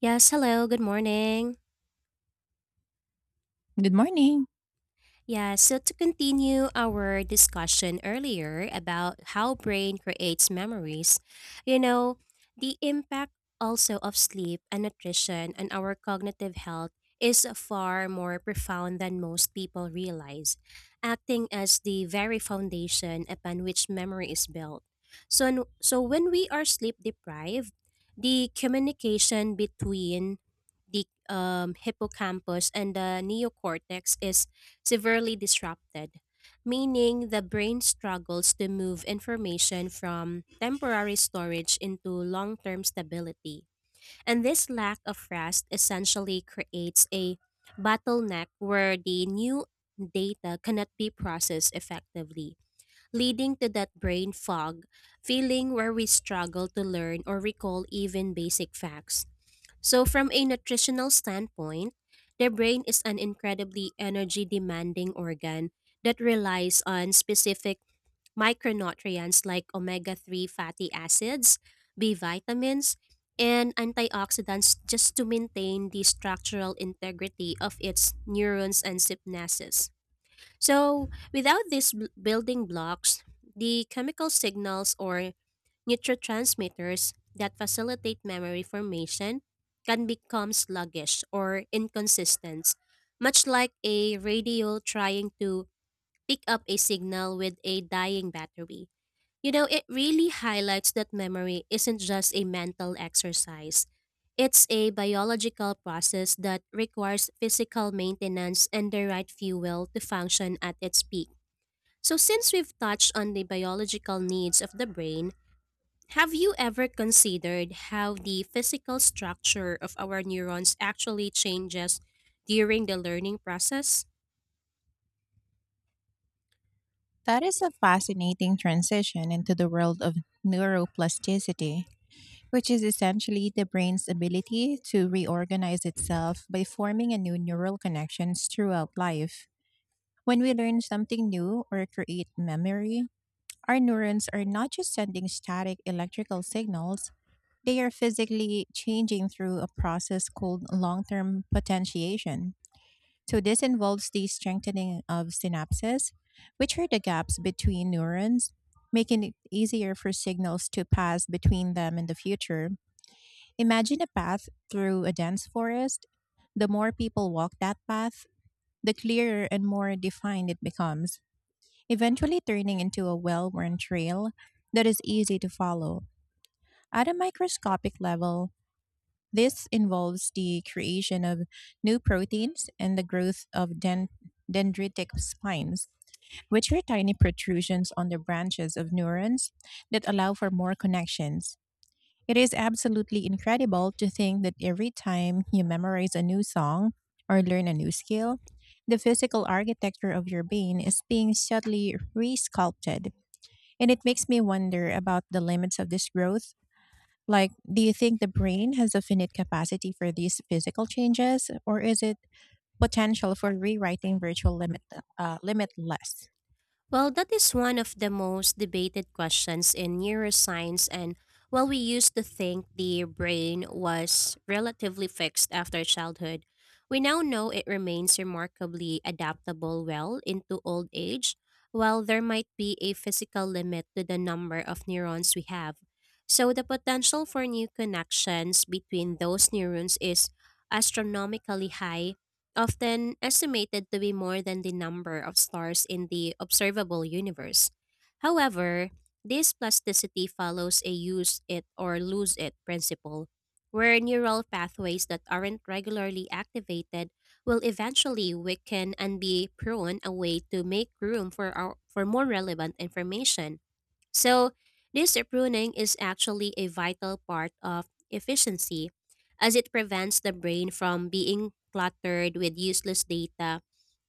Yes, hello, good morning. Good morning. Yeah, so to continue our discussion earlier about how brain creates memories, you know, the impact also of sleep and nutrition on our cognitive health is far more profound than most people realize, acting as the very foundation upon which memory is built. So, when we are sleep deprived, the communication between the hippocampus and the neocortex is severely disrupted, meaning the brain struggles to move information from temporary storage into long term stability. And this lack of rest essentially creates a bottleneck where the new data cannot be processed effectively, leading to that brain fog feeling where we struggle to learn or recall even basic facts. So, from a nutritional standpoint, the brain is an incredibly energy demanding organ that relies on specific micronutrients like omega 3 fatty acids, B vitamins, and antioxidants just to maintain the structural integrity of its neurons and synapses. So, without these building blocks, the chemical signals or neurotransmitters that facilitate memory formation can become sluggish or inconsistent, much like a radio trying to pick up a signal with a dying battery. It really highlights that memory isn't just a mental exercise. It's a biological process that requires physical maintenance and the right fuel to function at its peak. So, since we've touched on the biological needs of the brain, have you ever considered how the physical structure of our neurons actually changes during the learning process? That is a fascinating transition into the world of neuroplasticity, which is essentially the brain's ability to reorganize itself by forming a new neural connections throughout life. When we learn something new or create memory, our neurons are not just sending static electrical signals, they are physically changing through a process called long term potentiation. So this involves the strengthening of synapses, which are the gaps between neurons, making it easier for signals to pass between them in the future. Imagine a path through a dense forest. The more people walk that path, the clearer and more defined it becomes, eventually turning into a well worn trail that is easy to follow. At a microscopic level, this involves the creation of new proteins and the growth of dendritic spines, which are tiny protrusions on the branches of neurons that allow for more connections. It is absolutely incredible to think that every time you memorize a new song or learn a new skill, the physical architecture of your brain is being subtly re sculpted. And it makes me wonder about the limits of this growth, like, do you think the brain has a finite capacity for these physical changes, or is it potential for rewriting virtual limit, limitless? Well, that is one of the most debated questions in neuroscience, and while we used to think the brain was relatively fixed after childhood, we now know it remains remarkably adaptable well into old age. While there might be a physical limit to the number of neurons we have, so the potential for new connections between those neurons is astronomically high, often estimated to be more than the number of stars in the observable universe. However, this plasticity follows a use it or lose it principle, where neural pathways that aren't regularly activated will eventually weaken and be prone away to make room for more relevant information. So, this pruning is actually a vital part of efficiency, as it prevents the brain from being cluttered with useless data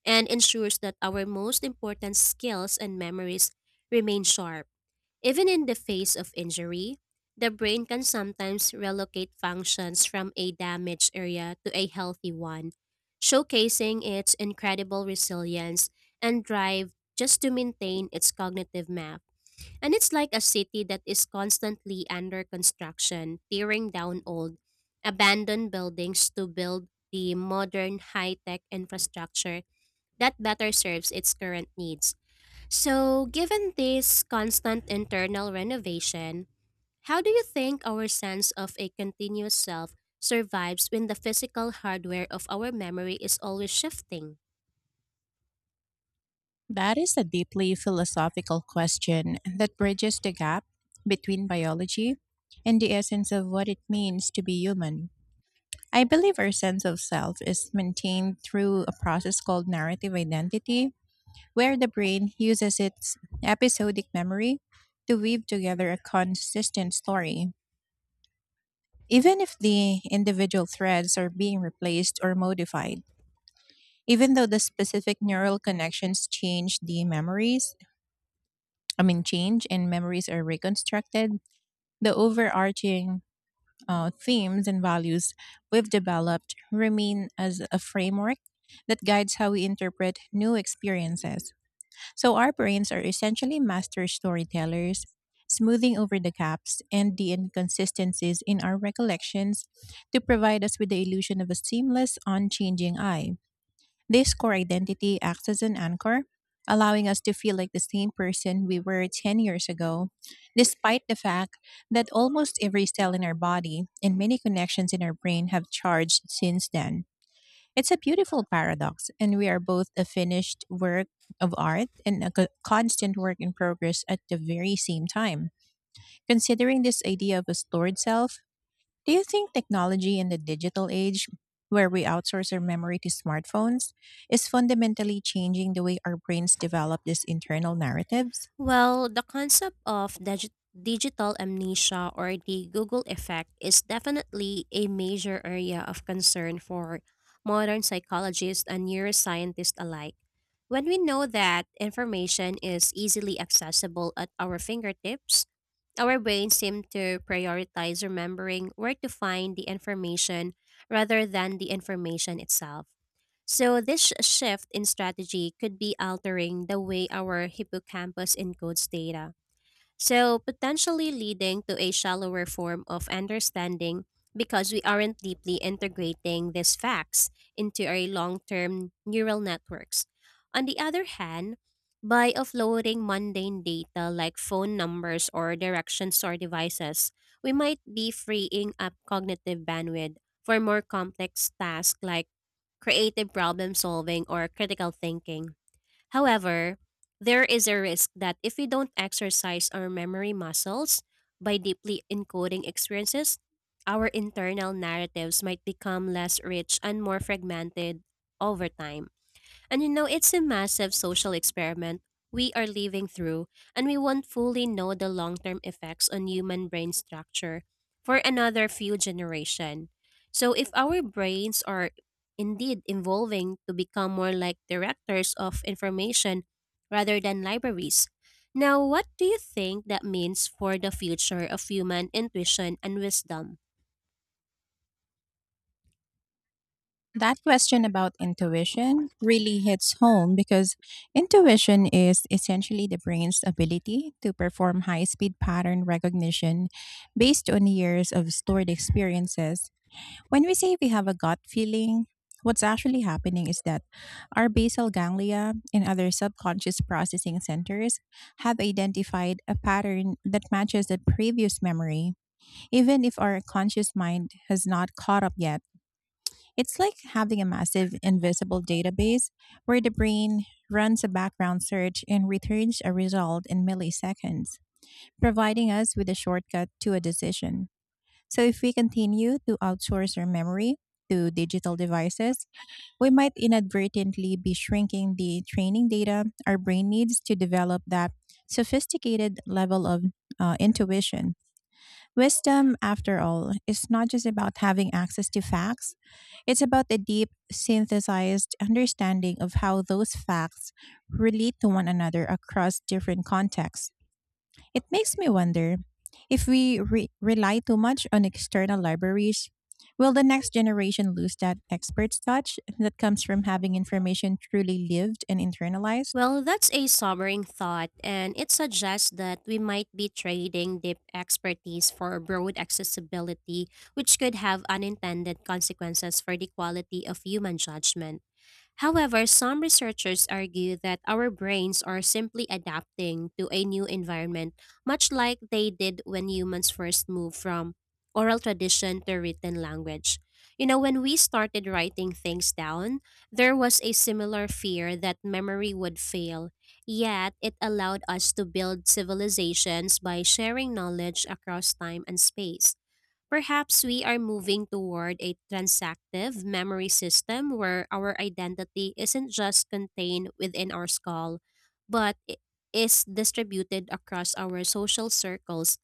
and ensures that our most important skills and memories remain sharp. Even in the face of injury, the brain can sometimes relocate functions from a damaged area to a healthy one, showcasing its incredible resilience and drive just to maintain its cognitive map. And it's like a city that is constantly under construction, tearing down old, abandoned buildings to build the modern high tech infrastructure that better serves its current needs. So, given this constant internal renovation, how do you think our sense of a continuous self survives when the physical hardware of our memory is always shifting? That is a deeply philosophical question that bridges the gap between biology and the essence of what it means to be human. I believe our sense of self is maintained through a process called narrative identity, where the brain uses its episodic memory to weave together a consistent story. Even if the individual threads are being replaced or modified, even though the specific neural connections change the memories, I mean, change, and memories are reconstructed, the overarching themes and values we've developed remain as a framework that guides how we interpret new experiences. So our brains are essentially master storytellers, smoothing over the gaps and the inconsistencies in our recollections to provide us with the illusion of a seamless, unchanging I. This core identity acts as an anchor, allowing us to feel like the same person we were 10 years ago, despite the fact that almost every cell in our body and many connections in our brain have charged since then. It's a beautiful paradox, and we are both a finished work of art and a constant work in progress at the very same time. Considering this idea of a stored self, do you think technology in the digital age, where we outsource our memory to smartphones, is fundamentally changing the way our brains develop these internal narratives? Well, the concept of digital amnesia or the Google effect is definitely a major area of concern for modern psychologists and neuroscientists alike. When we know that information is easily accessible at our fingertips, our brains seem to prioritize remembering where to find the information rather than the information itself. So, this shift in strategy could be altering the way our hippocampus encodes data. So, potentially leading to a shallower form of understanding because we aren't deeply integrating these facts into our long term neural networks. On the other hand, by offloading mundane data like phone numbers or directions or devices, we might be freeing up cognitive bandwidth for more complex tasks like creative problem solving or critical thinking. However, there is a risk that if we don't exercise our memory muscles by deeply encoding experiences, our internal narratives might become less rich and more fragmented over time. And it's a massive social experiment we are living through, and we won't fully know the long term effects on human brain structure for another few generations. So, if our brains are indeed evolving to become more like directors of information rather than libraries, now what do you think that means for the future of human intuition and wisdom? That question about intuition really hits home, because intuition is essentially the brain's ability to perform high speed pattern recognition based on years of stored experiences. When we say we have a gut feeling, what's actually happening is that our basal ganglia and other subconscious processing centers have identified a pattern that matches the previous memory, even if our conscious mind has not caught up yet. It's like having a massive invisible database where the brain runs a background search and returns a result in milliseconds, providing us with a shortcut to a decision. So, if we continue to outsource our memory to digital devices, we might inadvertently be shrinking the training data our brain needs to develop that sophisticated level of intuition. Wisdom, after all, is not just about having access to facts, it's about a deep, synthesized understanding of how those facts relate to one another across different contexts. It makes me wonder, if we rely too much on external libraries, will the next generation lose that expert's touch that comes from having information truly lived and internalized? Well, that's a sobering thought, and it suggests that we might be trading deep expertise for broad accessibility, which could have unintended consequences for the quality of human judgment. However, some researchers argue that our brains are simply adapting to a new environment, much like they did when humans first moved from oral tradition to written language. When we started writing things down, there was a similar fear that memory would fail, yet it allowed us to build civilizations by sharing knowledge across time and space. Perhaps we are moving toward a transactive memory system where our identity isn't just contained within our skull, but is distributed across our social circles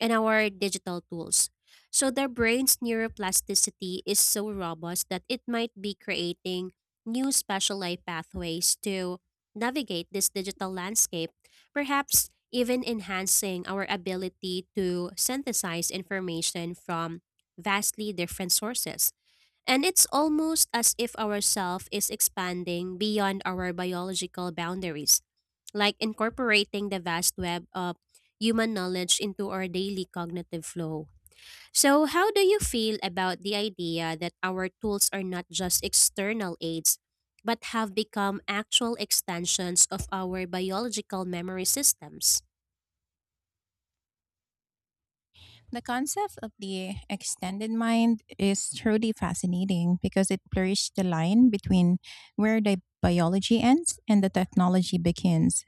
and our digital tools. So their brain's neuroplasticity is so robust that it might be creating new specialized pathways to navigate this digital landscape, perhaps even enhancing our ability to synthesize information from vastly different sources. And it's almost as if our self is expanding beyond our biological boundaries, like incorporating the vast web of human knowledge into our daily cognitive flow. So, how do you feel about the idea that our tools are not just external aids, but have become actual extensions of our biological memory systems? The concept of the extended mind is truly fascinating because it blurs the line between where the biology ends and the technology begins.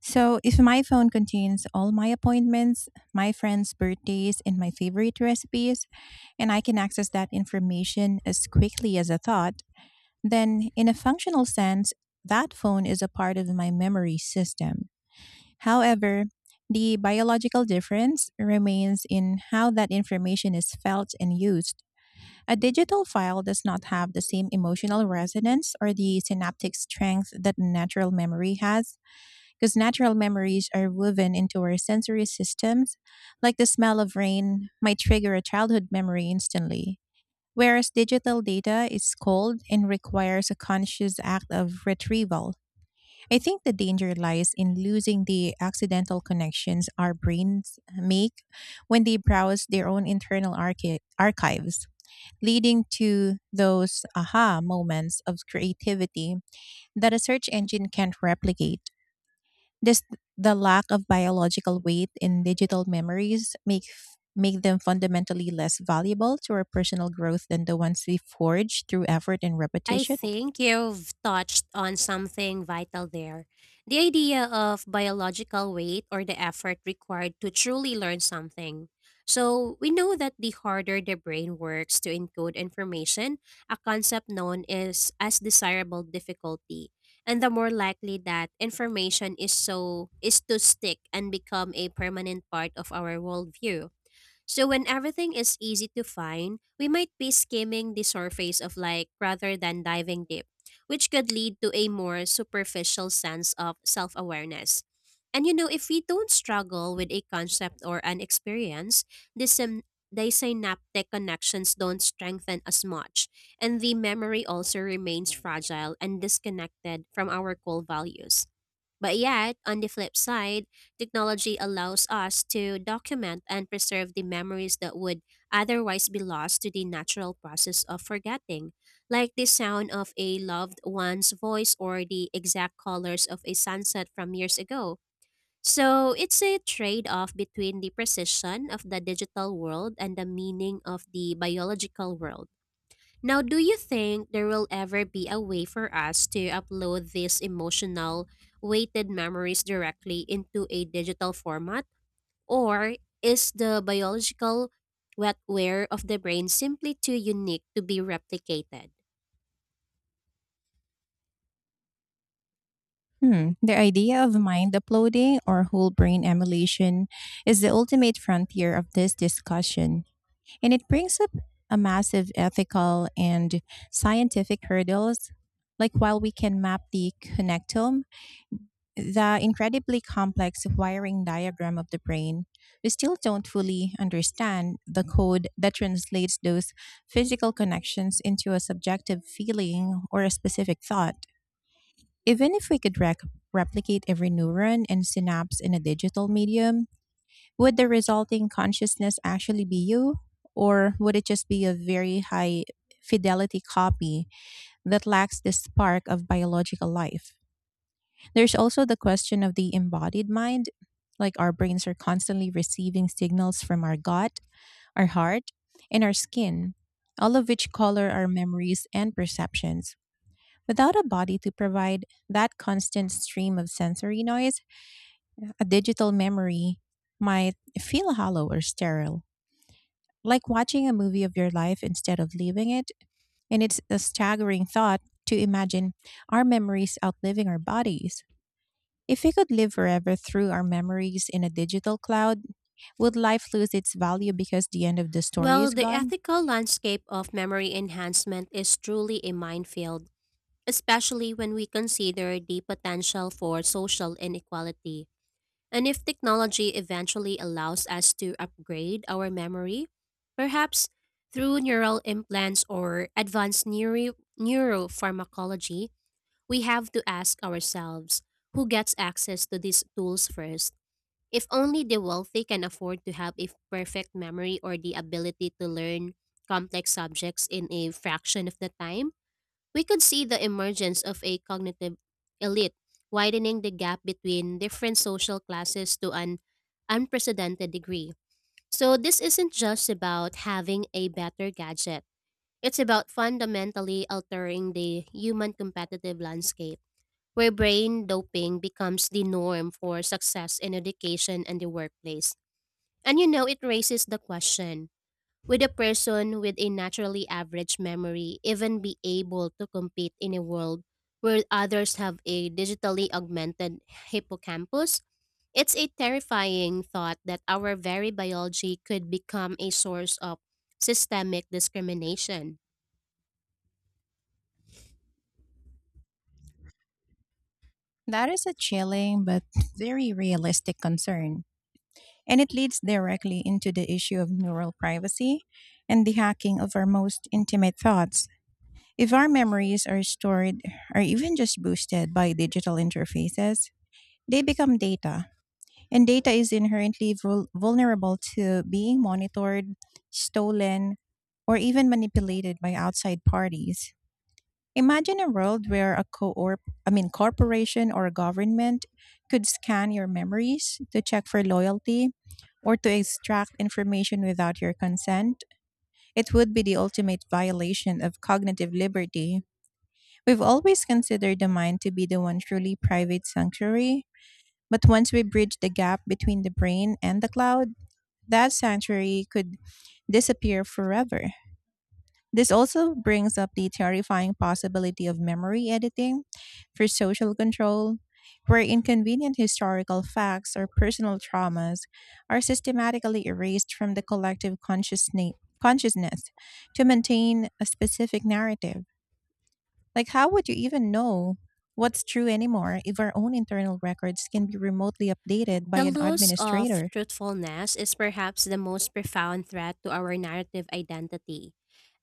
So, if my phone contains all my appointments, my friends' birthdays, and my favorite recipes, and I can access that information as quickly as a thought, then in a functional sense, that phone is a part of my memory system. However, the biological difference remains in how that information is felt and used. A digital file does not have the same emotional resonance or the synaptic strength that natural memory has, because natural memories are woven into our sensory systems, like the smell of rain might trigger a childhood memory instantly. Whereas digital data is cold and requires a conscious act of retrieval. I think the danger lies in losing the accidental connections our brains make when they browse their own internal archives, leading to those aha moments of creativity that a search engine can't replicate. Just the lack of biological weight in digital memories make them fundamentally less valuable to our personal growth than the ones we forge through effort and I repetition. think you've touched on something vital there. The idea of biological weight, or the effort required to truly learn something. So, we know that the harder the brain works to encode information, a concept known is as desirable difficulty, and the more likely that information is so is to stick and become a permanent part of our worldview. So when everything is easy to find, we might be skimming the surface of like rather than diving deep, which could lead to a more superficial sense of self-awareness. And if we don't struggle with a concept or an experience, the synaptic connections don't strengthen as much, and the memory also remains fragile and disconnected from our core values. But yet, on the flip side, technology allows us to document and preserve the memories that would otherwise be lost to the natural process of forgetting, like the sound of a loved one's voice or the exact colors of a sunset from years ago. So it's a trade off between the precision of the digital world and the meaning of the biological world. Now, do you think there will ever be a way for us to upload these emotional, weighted memories directly into a digital format? Or is the biological wetware of the brain simply too unique to be replicated? Hmm. The idea of mind uploading or whole brain emulation is the ultimate frontier of this discussion, and it brings up a massive ethical and scientific hurdles. Like, while we can map the connectome, the incredibly complex wiring diagram of the brain, we still don't fully understand the code that translates those physical connections into a subjective feeling or a specific thought. Even if we could replicate every neuron and synapse in a digital medium, would the resulting consciousness actually be you? Or would it just be a very high fidelity copy that lacks the spark of biological life? There's also the question of the embodied mind. Like, our brains are constantly receiving signals from our gut, our heart, and our skin, all of which color our memories and perceptions. Without a body to provide that constant stream of sensory noise, a digital memory might feel hollow or sterile, like watching a movie of your life instead of living it. And it's a staggering thought to imagine our memories outliving our bodies. If we could live forever through our memories in a digital cloud, would life lose its value because the end of the story Well, is the gone? ethical landscape of memory enhancement is truly a minefield, especially when we consider the potential for social inequality. And if technology eventually allows us to upgrade our memory, perhaps through neural implants or advanced neuropharmacology, we have to ask ourselves, who gets access to these tools first? If only the wealthy can afford to have a perfect memory or the ability to learn complex subjects in a fraction of the time, we could see the emergence of a cognitive elite, widening the gap between different social classes to an unprecedented degree. So, this isn't just about having a better gadget, it's about fundamentally altering the human competitive landscape, where brain doping becomes the norm for success in education and the workplace. And it raises the question, would a person with a naturally average memory even be able to compete in a world where others have a digitally augmented hippocampus? It's a terrifying thought that our very biology could become a source of systemic discrimination. That is a chilling but very realistic concern. And it leads directly into the issue of neural privacy and the hacking of our most intimate thoughts. If our memories are stored or even just boosted by digital interfaces, they become data. And data is inherently vulnerable to being monitored, stolen, or even manipulated by outside parties. Imagine a world where a co I mean corporation or a government could scan your memories to check for loyalty or to extract information without your consent. It would be the ultimate violation of cognitive liberty. We've always considered the mind to be the one truly private sanctuary, but once we bridge the gap between the brain and the cloud, that sanctuary could disappear forever. This also brings up the terrifying possibility of memory editing for social control, where inconvenient historical facts or personal traumas are systematically erased from the collective consciousness to maintain a specific narrative. Like, how would you even know what's true anymore if our own internal records can be remotely updated by The an loss of administrator? truthfulness is perhaps the most profound threat to our narrative identity,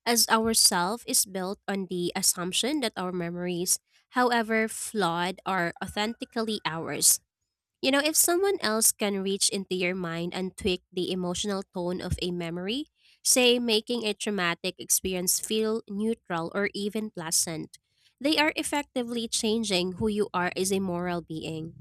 as our self is built on the assumption that our memories, however flawed, are authentically ours. If someone else can reach into your mind and tweak the emotional tone of a memory, say making a traumatic experience feel neutral or even pleasant, they are effectively changing who you are as a moral being.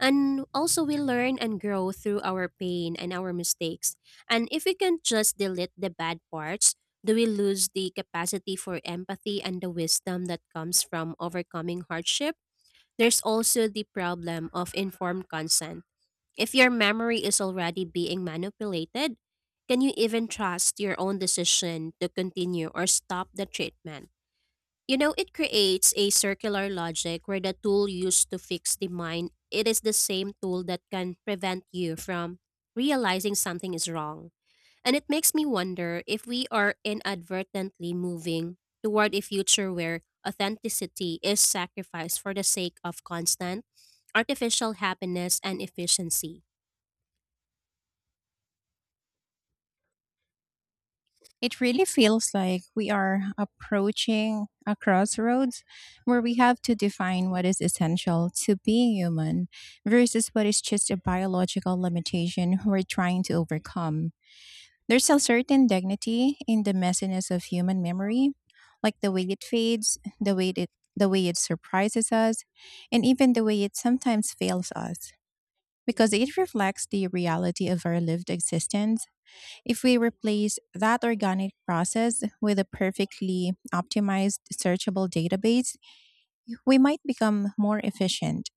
And also, we learn and grow through our pain and our mistakes. And if we can just delete the bad parts, do we lose the capacity for empathy and the wisdom that comes from overcoming hardship? There's also the problem of informed consent, if your memory is already being manipulated, can you even trust your own decision to continue or stop the treatment? It creates a circular logic where the tool used to fix the mind, it is the same tool that can prevent you from realizing something is wrong. And it makes me wonder if we are inadvertently moving toward a future where authenticity is sacrificed for the sake of constant artificial happiness and efficiency. It really feels like we are approaching a crossroads where we have to define what is essential to being human versus what is just a biological limitation we're trying to overcome. There's a certain dignity in the messiness of human memory, like the way it fades, the way it surprises us, and even the way it sometimes fails us, because it reflects the reality of our lived existence. If we replace that organic process with a perfectly optimized searchable database, we might become more efficient,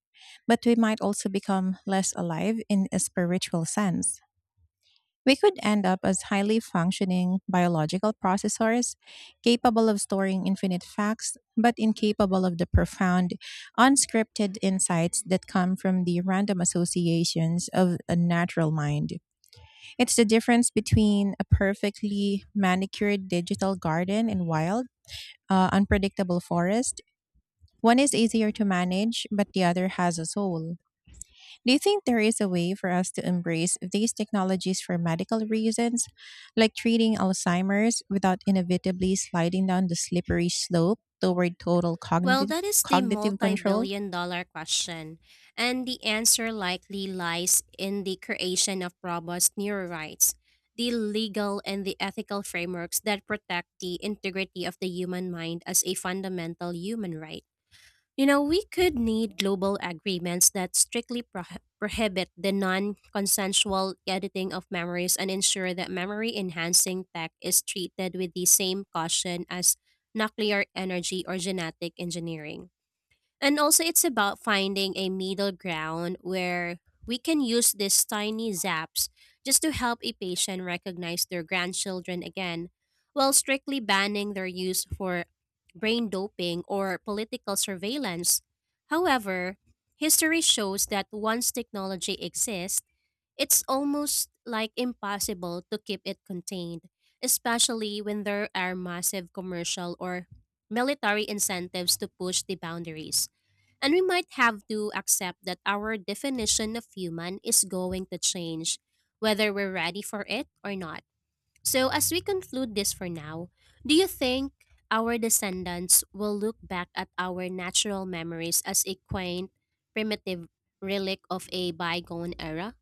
but we might also become less alive in a spiritual sense. We could end up as highly functioning biological processors, capable of storing infinite facts, but incapable of the profound, unscripted insights that come from the random associations of a natural mind. It's the difference between a perfectly manicured digital garden and wild, unpredictable forest. One is easier to manage, but the other has a soul. Do you think there is a way for us to embrace these technologies for medical reasons, like treating Alzheimer's, without inevitably sliding down the slippery slope toward total Well, that is the cognitive multi control? billion dollar question, and the answer likely lies in the creation of robust neural rights, the legal and the ethical frameworks that protect the integrity of the human mind as a fundamental human right. You know, we could need global agreements that strictly prohibit the non consensual editing of memories and ensure that memory enhancing tech is treated with the same caution as nuclear energy or genetic engineering. And also, it's about finding a middle ground where we can use these tiny zaps just to help a patient recognize their grandchildren again, while strictly banning their use for brain doping or political surveillance. However, history shows that once technology exists, it's almost like impossible to keep it contained, especially when there are massive commercial or military incentives to push the boundaries. And we might have to accept that our definition of human is going to change, whether we're ready for it or not. So, as we conclude this for now, do you think our descendants will look back at our natural memories as a quaint, primitive relic of a bygone era?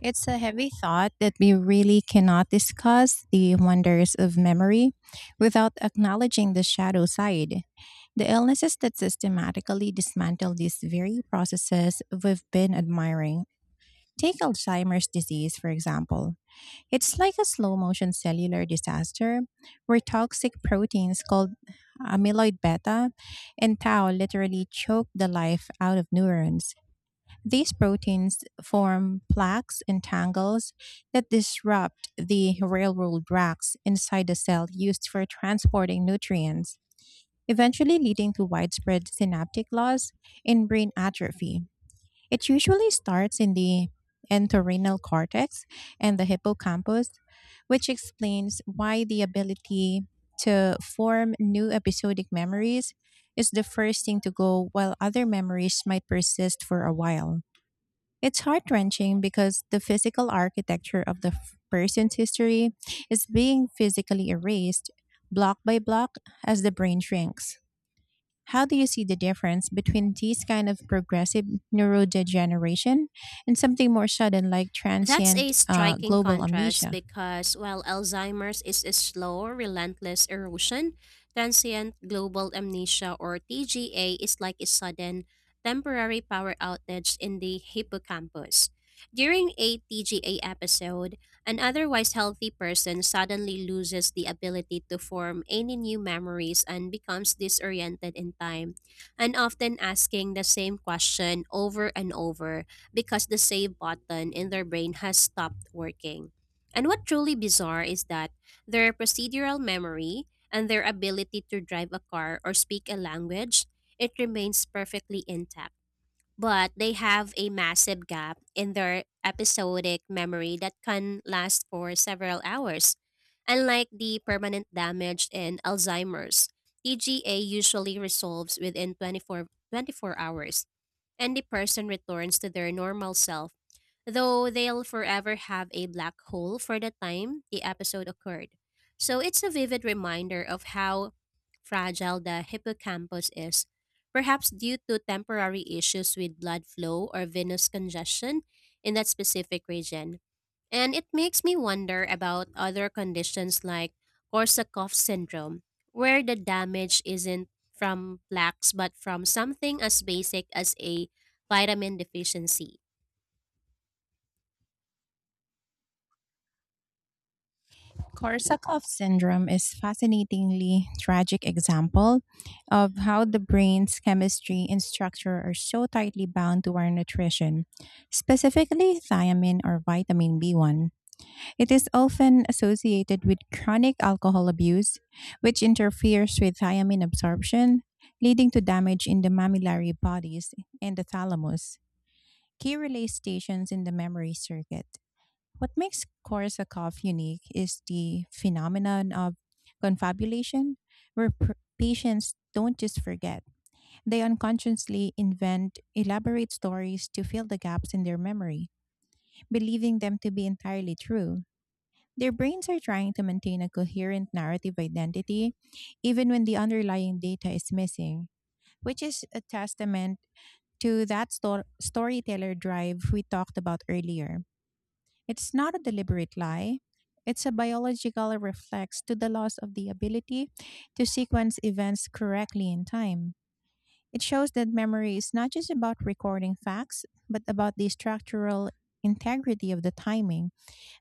It's a heavy thought that we really cannot discuss the wonders of memory without acknowledging the shadow side. The illnesses that systematically dismantle these very processes we've been admiring. Take Alzheimer's disease, for example. It's like a slow motion cellular disaster where toxic proteins called amyloid beta and tau literally choke the life out of neurons. These proteins form plaques and tangles that disrupt the railroad racks inside the cell used for transporting nutrients, eventually leading to widespread synaptic loss and brain atrophy. It usually starts in the entorhinal cortex and the hippocampus, which explains why the ability to form new episodic memories is the first thing to go, while other memories might persist for a while. It's heart wrenching because the physical architecture of the person's history is being physically erased, block by block, as the brain shrinks. How do you see the difference between these kind of progressive neurodegeneration and something more sudden, like That's a transient striking global contrast amnesia? because while Alzheimer's is a slow, relentless erosion, transient global amnesia or TGA is like a sudden, temporary power outage in the hippocampus. During a TGA episode, an otherwise healthy person suddenly loses the ability to form any new memories and becomes disoriented in time, and often asking the same question over and over because the save button in their brain has stopped working. And what truly bizarre is that their procedural memory and their ability to drive a car or speak a language, it remains perfectly intact. But they have a massive gap in their episodic memory that can last for several hours. Unlike the permanent damage in Alzheimer's, TGA usually resolves within 24 hours and the person returns to their normal self, though they'll forever have a black hole for the time the episode occurred. So it's a vivid reminder of how fragile the hippocampus is, perhaps due to temporary issues with blood flow or venous congestion in that specific region. And it makes me wonder about other conditions like Korsakoff syndrome, where the damage isn't from plaques but from something as basic as a vitamin deficiency. Korsakoff syndrome is fascinatingly tragic example of how the brain's chemistry and structure are so tightly bound to our nutrition, specifically thiamine, or vitamin B1. It is often associated with chronic alcohol abuse, which interferes with thiamine absorption, leading to damage in the mammillary bodies and the thalamus, key relay stations in the memory circuit. What makes Korsakov unique is the phenomenon of confabulation, where patients don't just forget, they unconsciously invent elaborate stories to fill the gaps in their memory, believing them to be entirely true. Their brains are trying to maintain a coherent narrative identity, even when the underlying data is missing, which is a testament to that storyteller drive we talked about earlier. It's not a deliberate lie. It's a biological reflex to the loss of the ability to sequence events correctly in time. It shows that memory is not just about recording facts, but about the structural integrity of the timing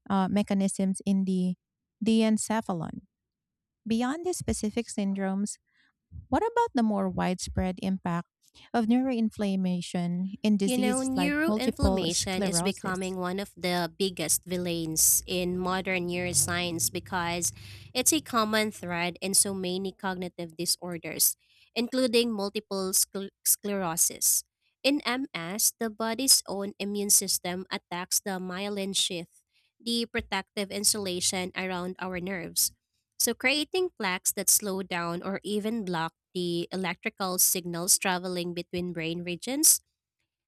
mechanisms in the diencephalon. Beyond these specific syndromes, what about the more widespread impact of neuroinflammation in You know, diseases like multiple neuroinflammation is sclerosis? becoming one of the biggest villains in modern neuroscience because it's a common thread in so many cognitive disorders, including multiple sclerosis. In MS, the body's own immune system attacks the myelin sheath, the protective insulation around our nerves. So, creating plaques that slow down or even block the electrical signals traveling between brain regions,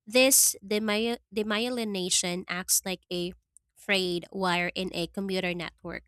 this demyelination acts like a frayed wire in a computer network,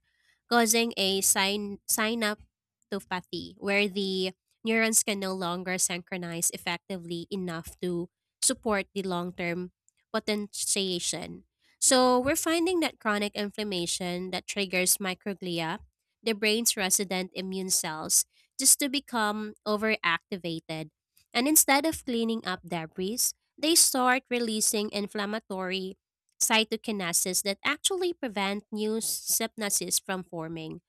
causing a synaptopathy where the neurons can no longer synchronize effectively enough to support the long term potentiation. So, we're finding that chronic inflammation that triggers microglia, the brain's resident immune cells, just to become overactivated. And instead of cleaning up debris, they start releasing inflammatory cytokinases that actually prevent new synapses from forming.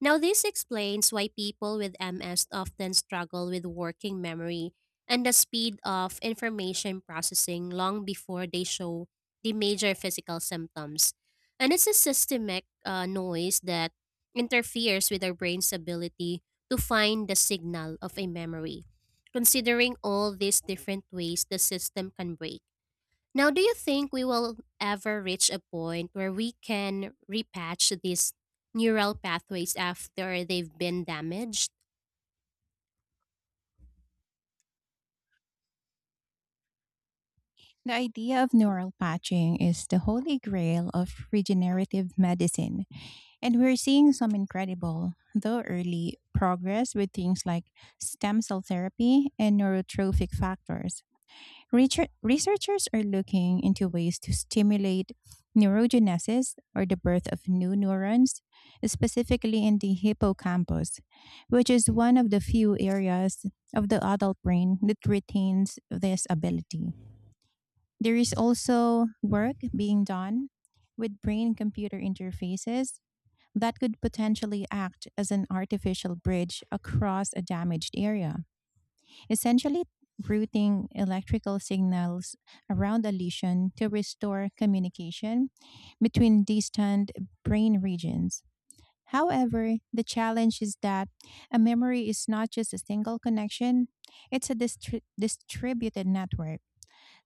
Now, this explains why people with MS often struggle with working memory and the speed of information processing long before they show the major physical symptoms. And it's a systemic noise that interferes with our brain's ability to find the signal of a memory. Considering all these different ways the system can break, now, do you think we will ever reach a point where we can repatch these neural pathways after they've been damaged? The idea of neural patching is the holy grail of regenerative medicine, and we're seeing some incredible, though early, progress with things like stem cell therapy and neurotrophic factors. Researchers are looking into ways to stimulate neurogenesis, or the birth of new neurons, specifically in the hippocampus, which is one of the few areas of the adult brain that retains this ability. There is also work being done with brain computer interfaces that could potentially act as an artificial bridge across a damaged area, essentially routing electrical signals around a lesion to restore communication between distant brain regions. However, the challenge is that a memory is not just a single connection, it's a distributed network.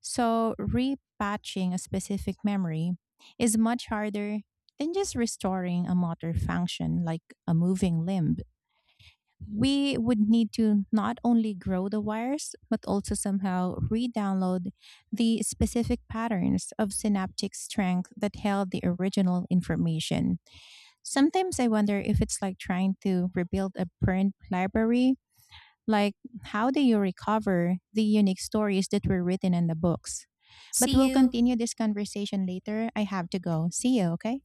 So, repatching a specific memory is much harder than just restoring a motor function like a moving limb. We would need to not only grow the wires, but also somehow re download the specific patterns of synaptic strength that held the original information. Sometimes I wonder if it's like trying to rebuild a print library. Like, how do you recover the unique stories that were written in the books? But See we'll you. continue this conversation later. I have to go. See you, okay?